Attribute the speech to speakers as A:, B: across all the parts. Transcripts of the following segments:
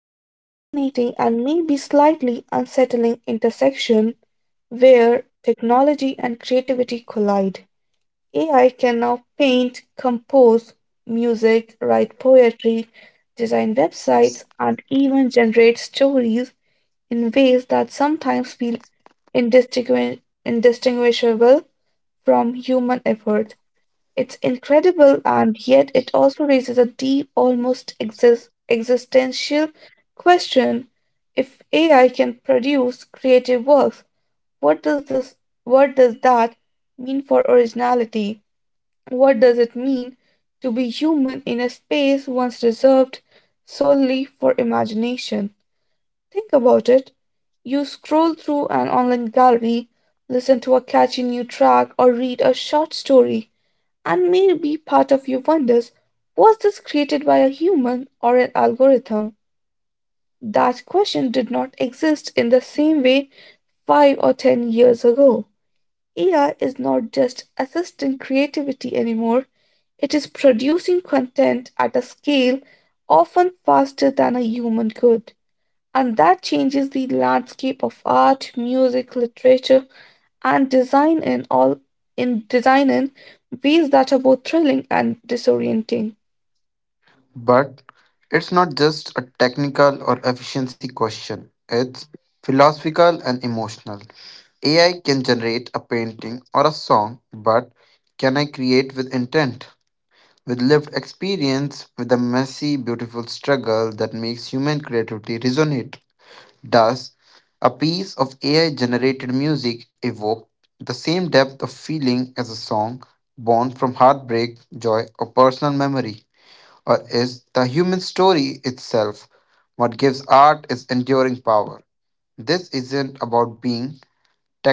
A: at a fascinating and maybe slightly unsettling intersection where technology and creativity collide. AI can now paint, compose music, write poetry, design websites, and even generate stories in ways that sometimes feel indistinguishable from human effort. It's incredible, and yet it also raises a deep, almost existential question. If AI can produce creative works, what does this what does that mean for originality? What does it mean to be human in a space once reserved solely for imagination? Think about it. You scroll through an online gallery, listen to a catchy new track, or read a short story, and maybe part of you wonders, was this created by a human or an algorithm? That question did not exist in the same way 5 or 10 years ago. AI is not just assisting creativity anymore, it is producing content at a scale often faster than a human could. And that changes the landscape of art, music, literature, and design in all in design in ways that are both thrilling and disorienting.
B: But it's not just a technical or efficiency question, it's philosophical and emotional. AI can generate a painting or a song, but can I create with intent? With lived experience, with the messy, beautiful struggle that makes human creativity resonate. Does a piece of AI generated music evoke the same depth of feeling as a song born from heartbreak, joy, or personal memory? Or is the human story itself what gives art its enduring power. This isn't about being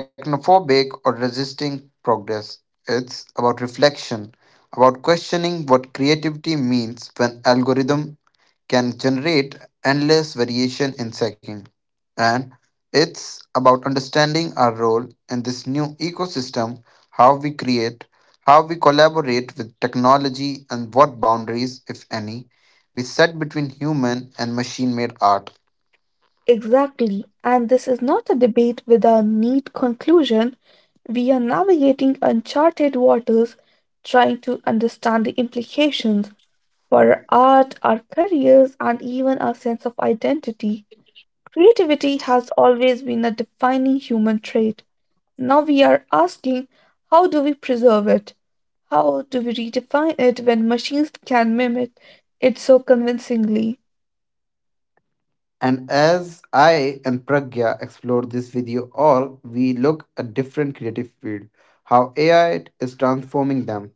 B: technophobic or resisting progress, it's about reflection, about questioning what creativity means when algorithm can generate endless variation in seconds. And it's about understanding our role in this new ecosystem, how we create, how we collaborate with technology, and what boundaries, if any, we set between human and machine made art.
A: Exactly. And this is not a debate with a neat conclusion. We are navigating uncharted waters, trying to understand the implications for our art, our careers, and even our sense of identity. Creativity has always been a defining human trait. Now we are asking, how do we preserve it? How do we redefine it when machines can mimic it so convincingly?
B: And as I and Pragya explore this video all, we look at different creative field, how AI is transforming them,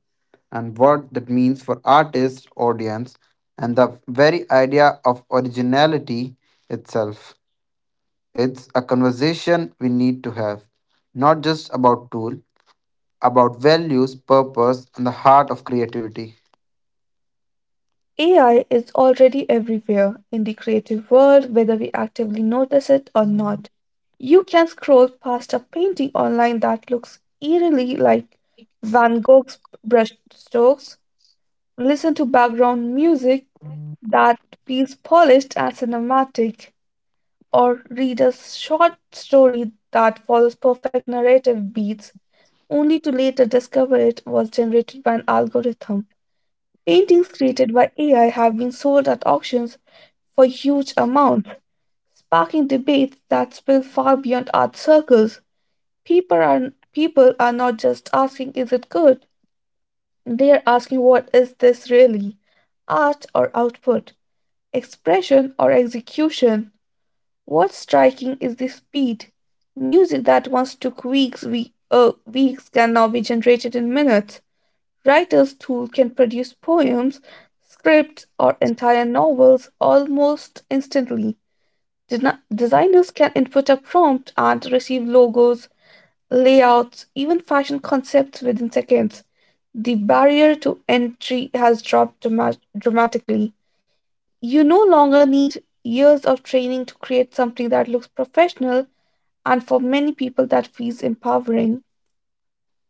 B: and what that means for artists, audience, and the very idea of originality itself. It's a conversation we need to have, not just about tool, about values, purpose, and the heart of creativity.
A: AI is already everywhere in the creative world, whether we actively notice it or not. You can scroll past a painting online that looks eerily like Van Gogh's brushstrokes, listen to background music that feels polished and cinematic, or read a short story that follows perfect narrative beats, only to later discover it was generated by an algorithm. Paintings created by AI have been sold at auctions for huge amounts, sparking debates that spill far beyond art circles. People are not just asking, is it good, they are asking, what is this really, art or output? Expression or execution? What's striking is the speed. Music that once took weeks, weeks can now be generated in minutes. Writers' tool can produce poems, scripts, or entire novels almost instantly. Designers can input a prompt and receive logos, layouts, even fashion concepts within seconds. The barrier to entry has dropped dramatically. You no longer need years of training to create something that looks professional, and for many people, that feels empowering.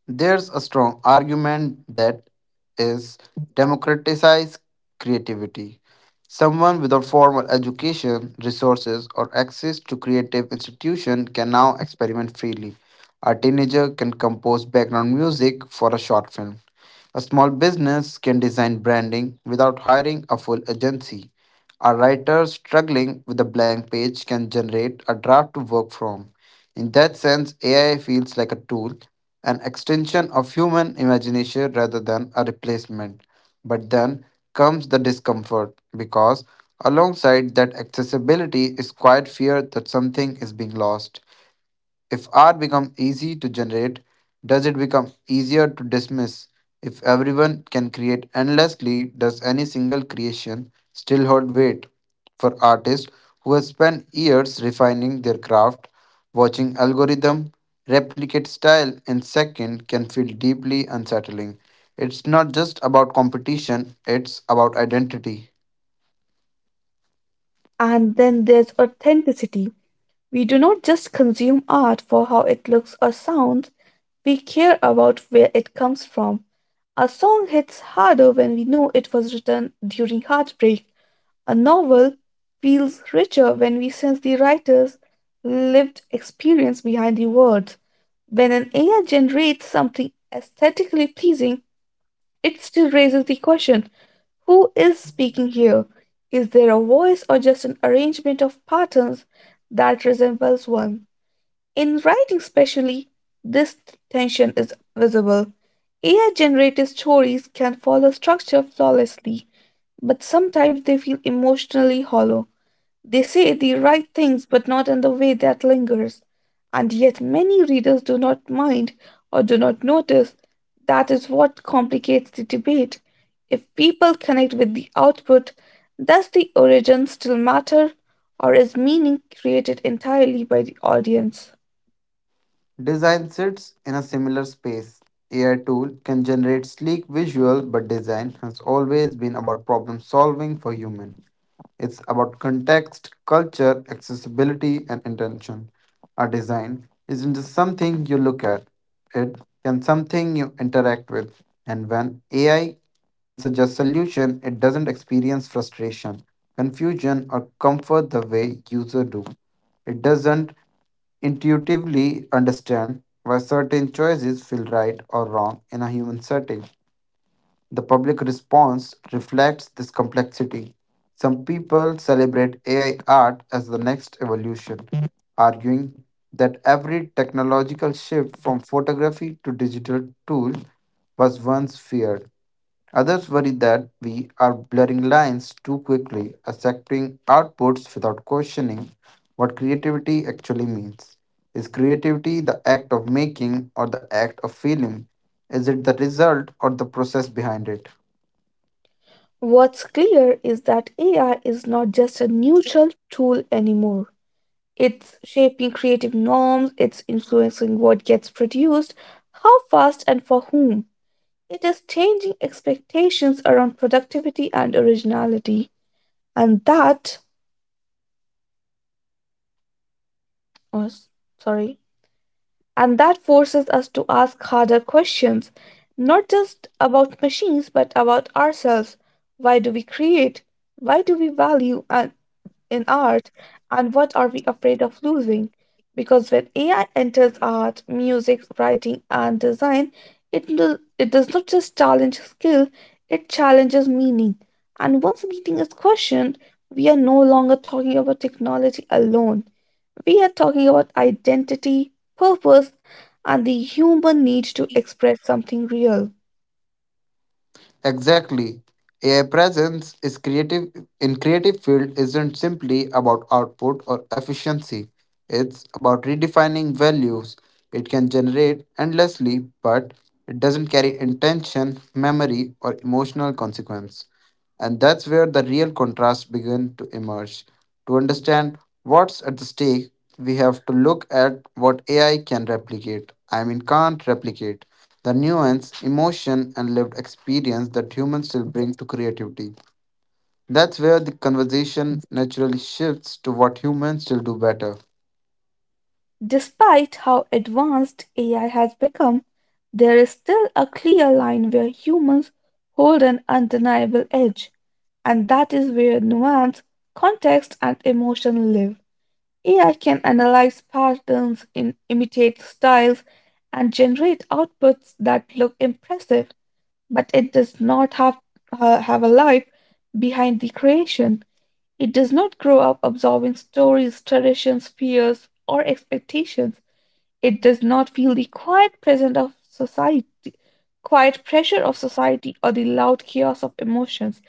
B: There's a strong argument that is democratize creativity. Someone without formal education, resources, or access to creative institution can now experiment freely. A teenager can compose background music for a short film. A small business can design branding without hiring a full agency. A writer struggling with a blank page can generate a draft to work from. In that sense, AI feels like a tool, an extension of human imagination rather than a replacement. But then comes the discomfort, because alongside that accessibility is quite fear that something is being lost. If art becomes easy to generate, does it become easier to dismiss? If everyone can create endlessly, does any single creation still hold weight? For artists who have spent years refining their craft, watching algorithm replicate style in second can feel deeply unsettling. It's not just about competition, it's about identity.
A: And then there's authenticity. We do not just consume art for how it looks or sounds, we care about where it comes from. A song hits harder when we know it was written during heartbreak. A novel feels richer when we sense the writer's lived experience behind the words. When an AI generates something aesthetically pleasing, it still raises the question, who is speaking here? Is there a voice, or just an arrangement of patterns that resembles one? In writing, especially, this tension is visible. AI generated stories can follow structure flawlessly, but sometimes they feel emotionally hollow. They say the right things, but not in the way that lingers. And yet, many readers do not mind or do not notice. That is what complicates the debate. If people connect with the output, does the origin still matter, or is meaning created entirely by the audience?
B: Design sits in a similar space. AI tool can generate sleek visual, but design has always been about problem solving for human. It's about context, culture, accessibility, and intention. A design isn't just something you look at, it can something you interact with. And when AI can suggest solution, it doesn't experience frustration, confusion, or comfort the way user do. It doesn't intuitively understand why certain choices feel right or wrong in a human setting. The public response reflects this complexity. Some people celebrate AI art as the next evolution, arguing that every technological shift from photography to digital tool was once feared. Others worry that we are blurring lines too quickly, accepting outputs without questioning what creativity actually means. Is creativity the act of making or the act of feeling? Is it the result or the process behind it?
A: What's clear is that AI is not just a neutral tool anymore. It's shaping creative norms, it's influencing what gets produced, how fast and for whom. It is changing expectations around productivity and originality, and that, oh, s- sorry, and that forces us to ask harder questions, not just about machines but about ourselves. Why do we create? Why do we value? And in art, and what are we afraid of losing? Because when AI enters art, music, writing, and design, it does not just challenge skill, it challenges meaning. And once meaning is questioned, we are no longer talking about technology alone. We are talking about identity, purpose, and the human need to express something real.
B: Exactly. AI presence is creative in creative field isn't simply about output or efficiency. It's about redefining values. It can generate endlessly, but it doesn't carry intention, memory, or emotional consequence. And that's where the real contrast begin to emerge. To understand what's at the stake, we have to look at what AI can replicate. I mean, can't replicate. The nuance, emotion, and lived experience that humans still bring to creativity. That's where the conversation naturally shifts to what humans still do better.
A: Despite how advanced AI has become, there is still a clear line where humans hold an undeniable edge, and that is where nuance, context, and emotion live. AI can analyze patterns, imitate styles, and generate outputs that look impressive, but it does not have a life behind the creation. It does not grow up absorbing stories, traditions, fears, or expectations. It does not feel the quiet pressure of society, or the loud chaos of emotions.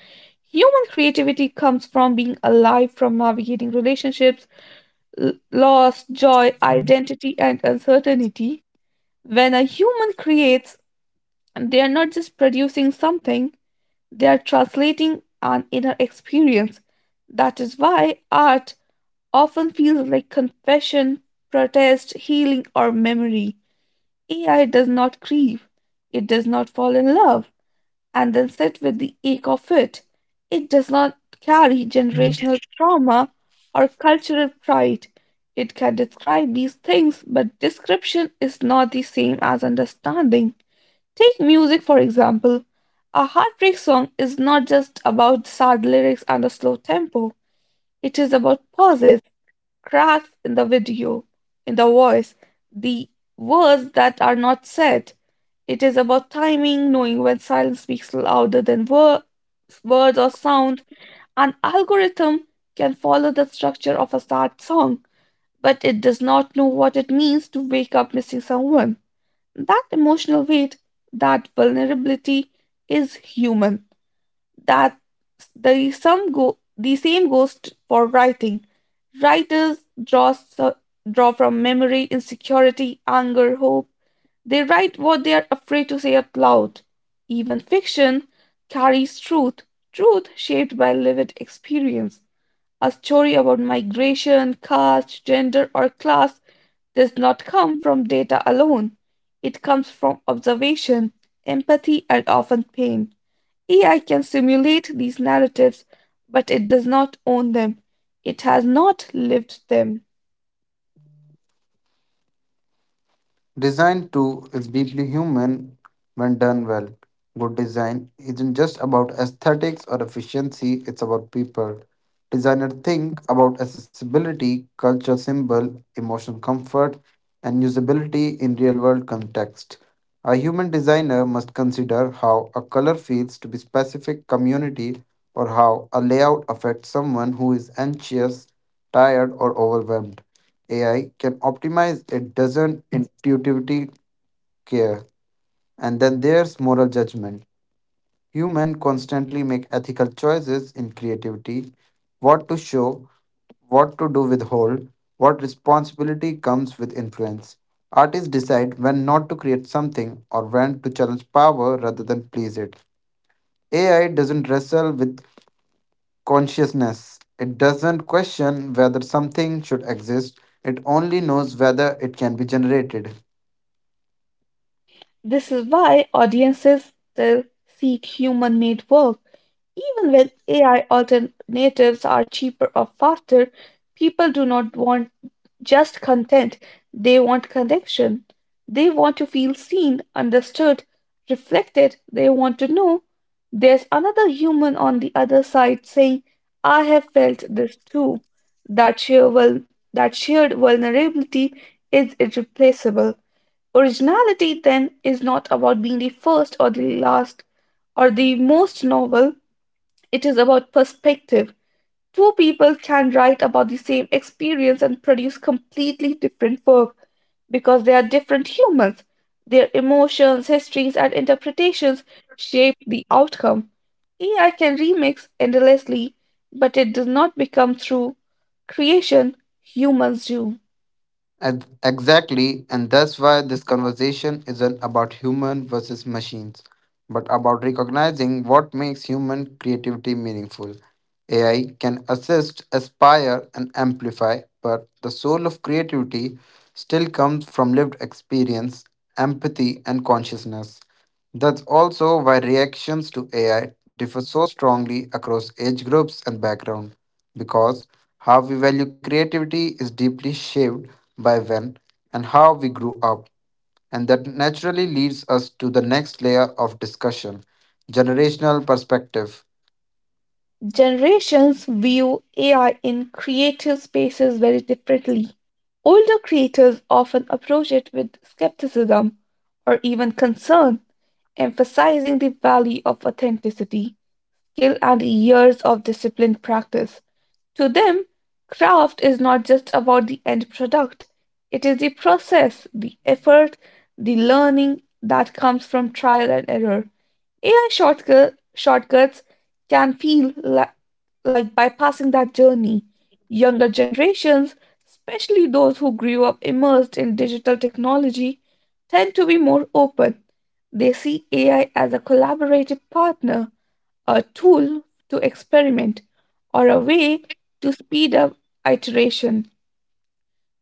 A: Human creativity comes from being alive, from navigating relationships, loss, joy, identity, and uncertainty. When a human creates, they are not just producing something, they are translating an inner experience. That is why art often feels like confession, protest, healing, or memory. AI does not grieve, it does not fall in love and then sit with the ache of it. It does not carry generational trauma or cultural pride. It can describe these things, but description is not the same as understanding. Take music, for example. A heartbreak song is not just about sad lyrics and a slow tempo, it is about pauses, cracks in the video, in the voice, the words that are not said. It is about timing, knowing when silence speaks louder than words or sound. An algorithm can follow the structure of a sad song, but it does not know what it means to wake up missing someone. That emotional weight, that vulnerability is human. That the some go The same goes for writing. Writers draw from memory, insecurity, anger, hope. They write what they are afraid to say out loud. Even fiction carries truth, truth shaped by lived experience. A story about migration, caste, gender, or class does not come from data alone. It comes from observation, empathy, and often pain. AI can simulate these narratives, but it does not own them. It has not lived them.
B: Design too is deeply human when done well. Good design isn't just about aesthetics or efficiency, it's about people. Designers think about accessibility, culture symbol, emotional comfort, and usability in real world context. A human designer must consider how a color feels to be specific community or how a layout affects someone who is anxious, tired, or overwhelmed. AI can optimize, it doesn't intuitively care. And then there's moral judgment. Human constantly make ethical choices in creativity, what to show, what to do withhold, what responsibility comes with influence. Artists decide when not to create something or when to challenge power rather than please it. AI doesn't wrestle with consciousness. It doesn't question whether something should exist, it only knows whether it can be generated.
A: This is why audiences still seek human made work. Even when AI alternatives are cheaper or faster, people do not want just content. They want connection. They want to feel seen, understood, reflected. They want to know there's another human on the other side saying, I have felt this too. That, sheer vul- that shared vulnerability is irreplaceable. Originality, then, is not about being the first or the last or the most novel, it is about perspective. Two people can write about the same experience and produce completely different work because they are different humans. Their emotions, histories, and interpretations shape the outcome. AI can remix endlessly, but it does not become true creation humans do.
B: Exactly, and that's why this conversation isn't about human versus machines, but about recognizing what makes human creativity meaningful. AI can assist, aspire, and amplify, but the soul of creativity still comes from lived experience, empathy, and consciousness. That's also why reactions to AI differ so strongly across age groups and background, because how we value creativity is deeply shaped by when and how we grew up. And that naturally leads us to the next layer of discussion generational perspective.
A: Generations view AI in creative spaces very differently. Older creators often approach it with skepticism or even concern, emphasizing the value of authenticity, skill, and years of disciplined practice. To them, craft is not just about the end product, it is the process, the effort, the learning that comes from trial and error. AI shortcuts can feel like bypassing that journey. Younger generations, especially those who grew up immersed in digital technology, tend to be more open. They see AI as a collaborative partner, a tool to experiment, or a way to speed up iteration.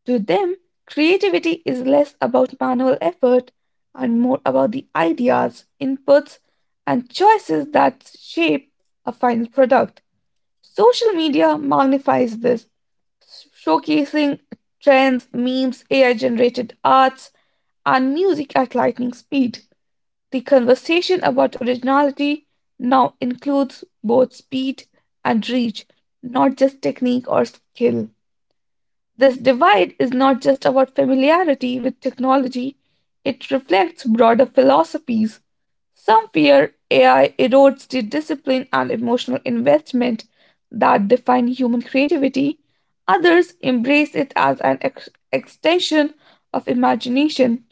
A: To them, creativity is less about manual effort and more about the ideas, inputs, and choices that shape a final product. Social media magnifies this, showcasing trends, memes, AI generated arts, and music at lightning speed. The conversation about originality now includes both speed and reach, not just technique or skill. This divide is not just about familiarity with technology, it reflects broader philosophies. Some fear AI erodes the discipline and emotional investment that define human creativity. Others embrace it as an extension of imagination,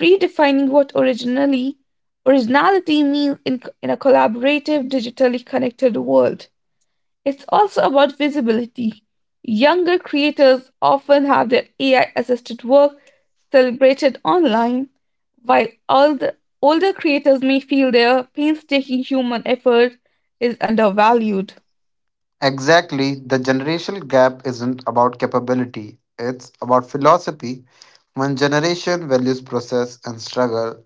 A: redefining what originally originality means in a collaborative, digitally connected world. It's also about visibility. Younger creators often have their AI assisted work celebrated online, while all the older creators may feel their painstaking human effort is undervalued.
B: Exactly, the generational gap isn't about capability, it's about philosophy. One generation values process and struggle,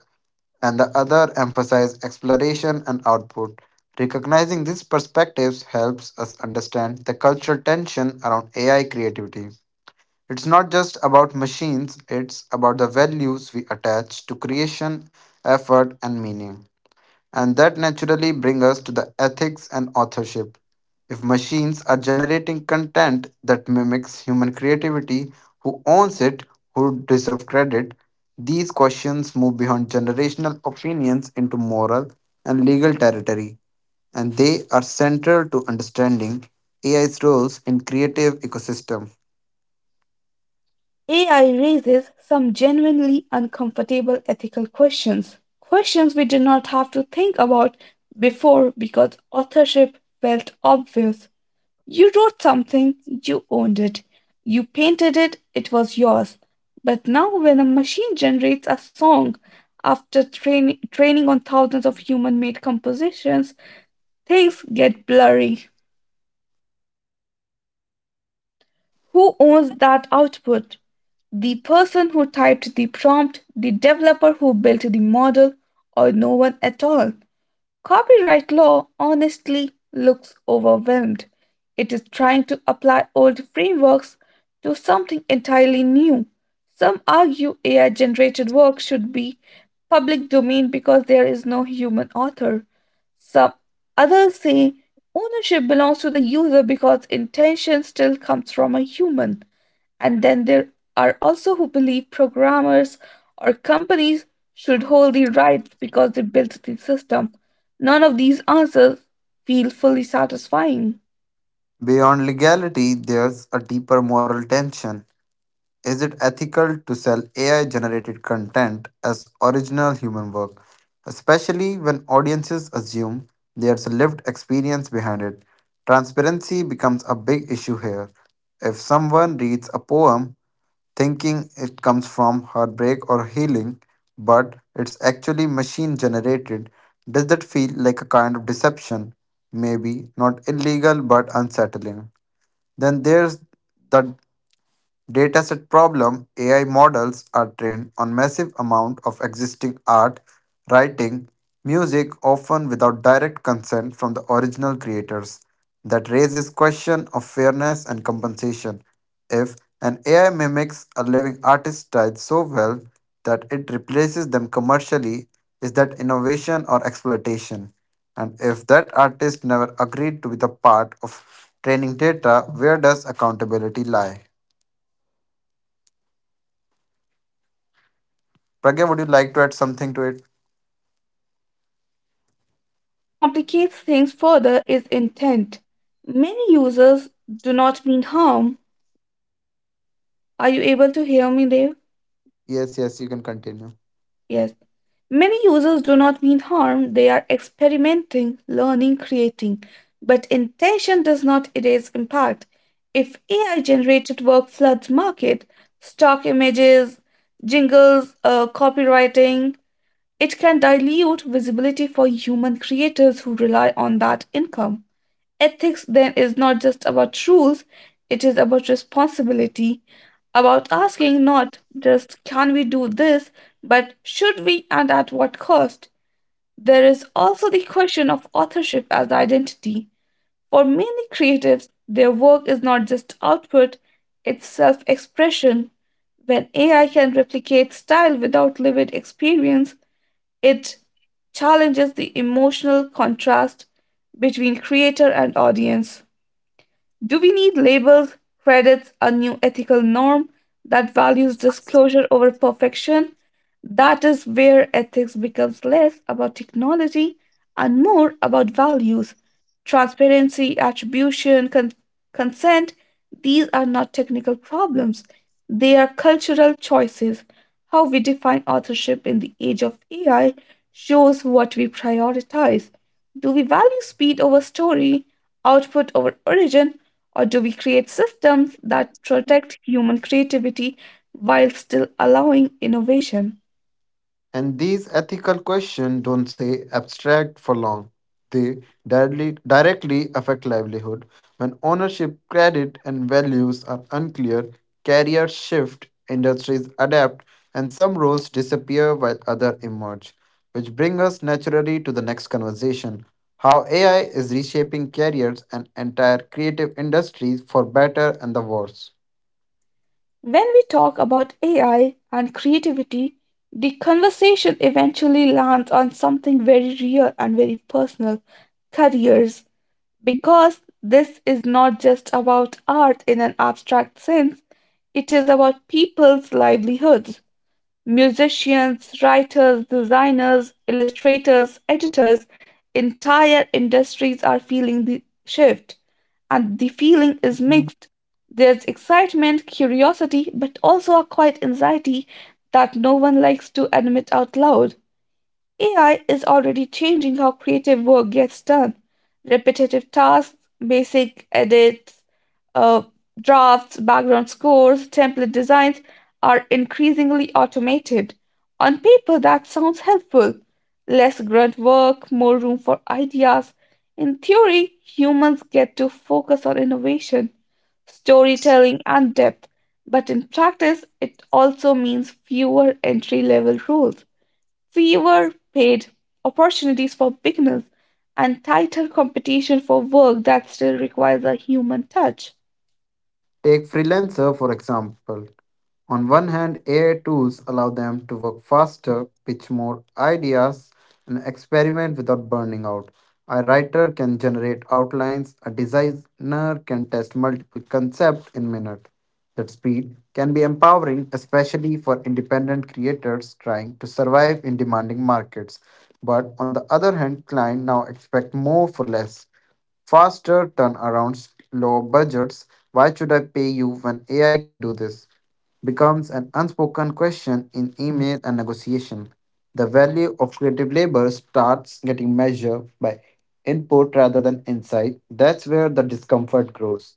B: and the other emphasize exploration and output. Recognizing these perspectives helps us understand the cultural tension around AI creativity. It's not just about machines, it's about the values we attach to creation, effort, and meaning. And that naturally brings us to the ethics and authorship. If machines are generating content that mimics human creativity, who owns it, who deserves credit? These questions move beyond generational opinions into moral and legal territory, and they are central to understanding AI's roles in creative ecosystem.
A: AI raises some genuinely uncomfortable ethical questions, questions we did not have to think about before because authorship felt obvious. You wrote something, you owned it. You painted it, it was yours. But now, when a machine generates a song after training on thousands of human made compositions, things get blurry. Who owns that output? The person who typed the prompt, the developer who built the model, or no one at all? Copyright law honestly looks overwhelmed. It is trying to apply old frameworks to something entirely new. Some argue AI generated work should be public domain because there is no human author. Some others say ownership belongs to the user because intention still comes from a human. And then there are also who believe programmers or companies should hold the rights because they built the system. None of these answers feel fully satisfying.
B: Beyond legality, there's a deeper moral tension. Is it ethical to sell AI generated content as original human work, especially when audiences assume there's a lived experience behind it? Transparency becomes a big issue here. If someone reads a poem thinking it comes from heartbreak or healing, but it's actually machine generated, does that feel like a kind of deception? Maybe not illegal but unsettling. Then there's the Dataset problem AI models are trained on massive amount of existing art, writing, music often without direct consent from the original creators. That raises question of fairness and compensation. If an AI mimics a living artist's style so well that it replaces them commercially, is that innovation or exploitation? And if that artist never agreed to be the part of training data, where does accountability lie? Pragya, would you like to add something to it?
A: Yes, what complicates things further is intent. Many users do not mean harm. Are you able to hear me there?
B: Yes, yes, you can continue.
A: Yes. Many users do not mean harm. They are experimenting, learning, creating. But intention does not erase impact. If AI generated work floods market, stock images, jingles, copywriting, it can dilute visibility for human creators who rely on that income. Ethics then is not just about rules, it is about responsibility, about asking not just can we do this, but should we and at what cost? There is also the question of authorship as identity. For many creatives, their work is not just output, it's self expression. When AI can replicate style without lived experience, it challenges the emotional contrast between creator and audience. Do we need labels, credits, a new ethical norm that values disclosure over perfection? That is where ethics becomes less about technology and more about values. Transparency, attribution, consent, these are not technical problems. They are cultural choices. How we define authorship in the age of AI shows what we prioritize. Do we value speed over story, output over origin, or do we create systems that protect human creativity while still allowing innovation?
B: And these ethical questions don't say abstract for long. They directly affect livelihood. When ownership, credit, and values are unclear, carriers shift, industries adapt, and some roles disappear while others emerge. Which brings us naturally to the next conversation how AI is reshaping careers and entire creative industries for better and the worse.
A: When we talk about AI and creativity, the conversation eventually lands on something very real and very personal: careers. Because this is not just about art in an abstract sense, it is about people's livelihoods. Musicians, writers, designers, illustrators, editors, entire industries are feeling the shift, and the feeling is mixed. There's excitement, curiosity, but also a quiet anxiety that no one likes to admit out loud. AI is already changing how creative work gets done. Repetitive tasks, basic edits, uh, drafts, background scores, template designs are increasingly automated. On paper, that sounds helpful. Less grunt work, more room for ideas. In theory, humans get to focus on innovation, storytelling, and depth. But in practice, it also means fewer entry level roles, fewer paid opportunities for beginners, and tighter competition for work that still requires a human touch.
B: Take freelancer for example. On one hand, AI tools allow them to work faster, pitch more ideas, and experiment without burning out. A writer can generate outlines, a designer can test multiple concepts in minutes. That speed can be empowering, especially for independent creators trying to survive in demanding markets. But on the other hand, clients now expect more for less faster turnarounds, lower budgets. Why should I pay you when AI can do this? Becomes an unspoken question in email and negotiation. The value of creative labor starts getting measured by input rather than insight. That's where the discomfort grows.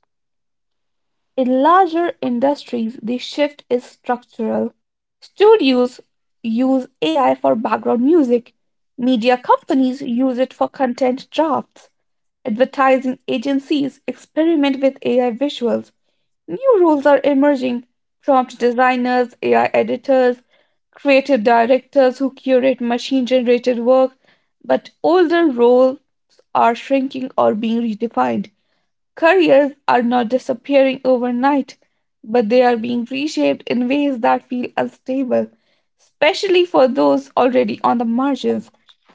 A: In larger industries, the shift is structural. Studios use AI for background music, media companies use it for content drafts, advertising agencies experiment with AI visuals. New roles are emerging: prompt designers, AI editors, creative directors who curate machine generated work, but older roles are shrinking or being redefined. Careers are not disappearing overnight, but they are being reshaped in ways that feel unstable, especially for those already on the margins.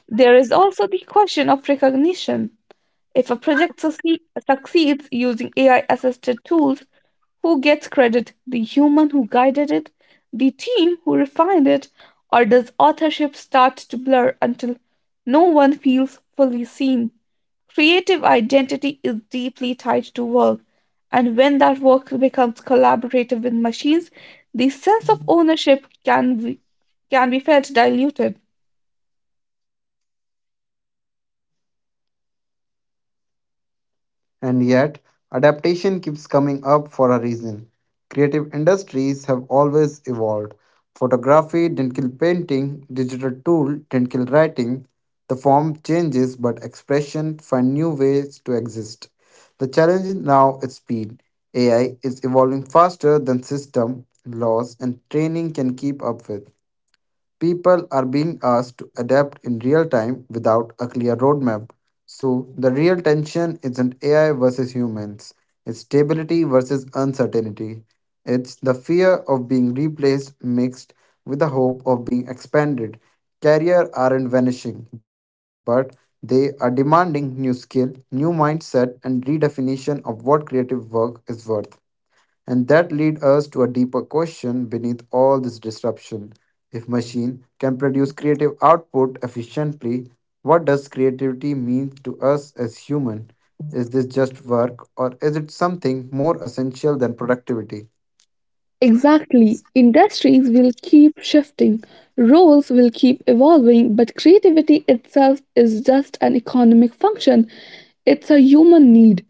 A: There is also the question of recognition. If a project succeeds using AI assisted tools, who gets credit? The human who guided it, the team who refined it, or does authorship start to blur until no one feels fully seen? Creative identity is deeply tied to work, and when that work becomes collaborative with machines, the sense of ownership can be felt diluted.
B: And yet, adaptation keeps coming up for a reason. Creative industries have always evolved. Photography didn't kill painting, digital tool didn't kill writing. The form changes, but expression find new ways to exist. The challenge is now is speed. AI is evolving faster than system, laws, and training can keep up with. People are being asked to adapt in real time without a clear roadmap. So, the real tension isn't AI versus humans, it's stability versus uncertainty. It's the fear of being replaced mixed with the hope of being expanded. Careers aren't vanishing, but they are demanding new skill, new mindset, and redefinition of what creative work is worth. And that lead us to a deeper question beneath all this disruption. If machine can produce creative output efficiently, what does creativity mean to us as human? Is this just work or is it something more essential than productivity?
A: Exactly. Industries will keep shifting, roles will keep evolving, but creativity itself is just an economic function. It's a human need.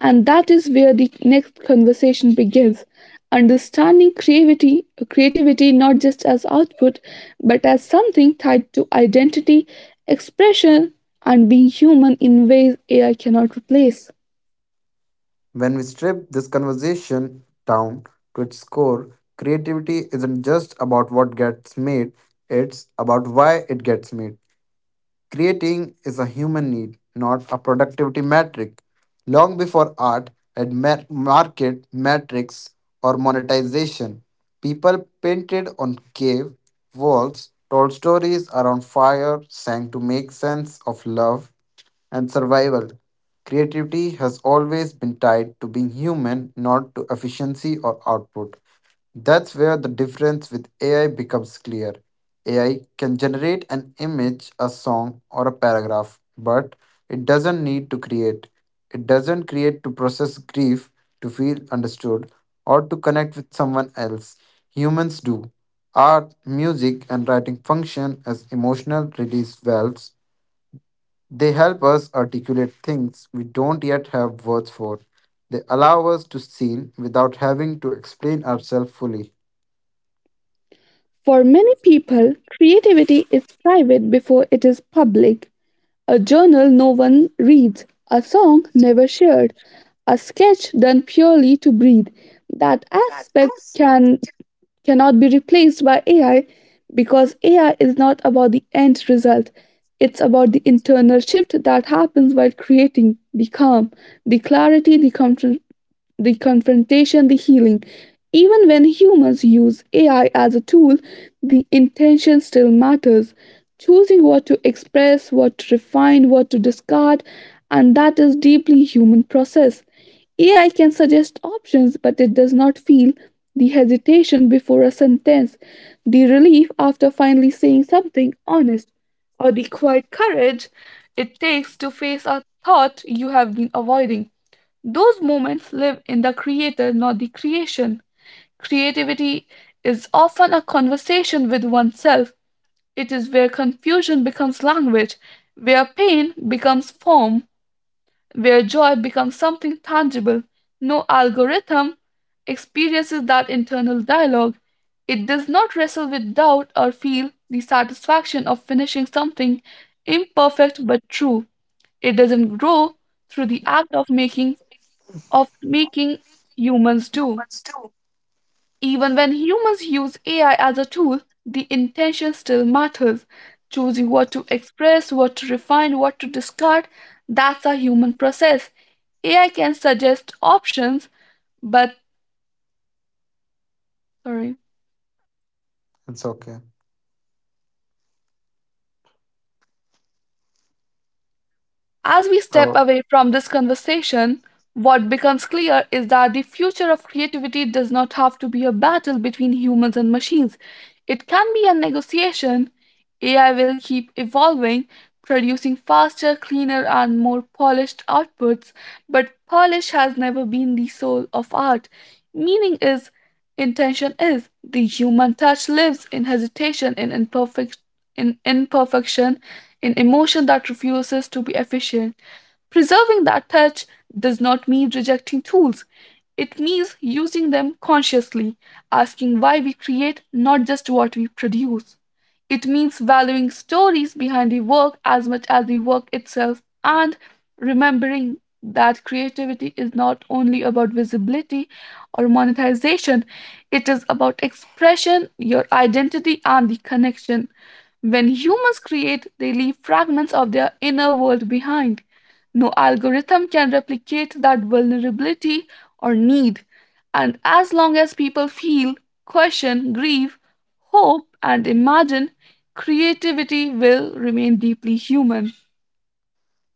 A: And that is where the next conversation begins. Understanding creativity not just as output, but as something tied to identity, expression, and being human in ways AI cannot replace.
B: When we strip this conversation down to its core, creativity isn't just about what gets made, it's about why it gets made. Creating is a human need, not a productivity metric. Long before art had market metrics or monetization, people painted on cave walls, told stories around fire, sang to make sense of love and survival. Creativity has always been tied to being human, not to efficiency or output. That's where the difference with AI becomes clear. AI can generate an image, a song, or a paragraph, but it doesn't need to create. It doesn't create to process grief, to feel understood, or to connect with someone else. Humans do. Art, music, and writing function as emotional release valves. They help us articulate things we don't yet have words for. They allow us to see without having to explain ourselves fully.
A: For many people, creativity is private before it is public: a journal no one reads, a song never shared, a sketch done purely to breathe. That aspect cannot be replaced by AI because AI is not about the end result. It's about the internal shift that happens while creating: the calm, the clarity, the comfort, the confrontation, the healing. Even when humans use AI as a tool, the intention still matters. Choosing what to express, what to refine, what to discard, and that is deeply human process. AI can suggest options, but it does not feel the hesitation before a sentence, the relief after finally saying something honest, or the quiet courage it takes to face a thought you have been avoiding. Those moments live in the creator, not the creation. Creativity is often a conversation with oneself. It is where confusion becomes language, where pain becomes form, where joy becomes something tangible. No algorithm experiences that internal dialogue. It does not wrestle with doubt or feel the satisfaction of finishing something imperfect but true. It doesn't grow through the act of making humans do. Even when humans use AI as a tool, the intention still matters. Choosing what to express, what to refine, what to discard, that's a human process. AI can suggest options, but sorry.
B: It's okay.
A: As we step
B: Uh,
A: away from this conversation, what becomes clear is that the future of creativity does not have to be a battle between humans and machines. It can be a negotiation. AI will keep evolving, producing faster, cleaner, and more polished outputs, but polish has never been the soul of art. Meaning is, intention is, the human touch lives in hesitation, in imperfection, in emotion that refuses to be efficient. Preserving that touch does not mean rejecting tools. It means using them consciously, asking why we create, not just what we produce. It means valuing stories behind the work as much as the work itself, and remembering that creativity is not only about visibility or monetization, it is about expression, your identity, and the connection. When humans create, they leave fragments of their inner world behind. No algorithm can replicate that vulnerability or need. And as long as people feel, question, grieve, hope, and imagine, creativity will remain deeply human.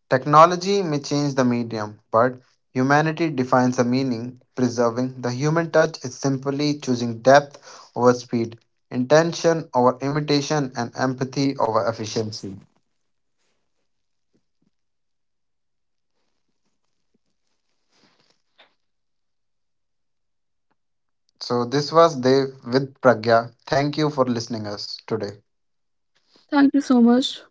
B: Technology may change the medium, but humanity defines the meaning. Preserving the human touch is simply choosing depth over speed, intention over imitation, and empathy over efficiency. So this was Dev with Pragya. Thank you for listening us today.
A: Thank you so much.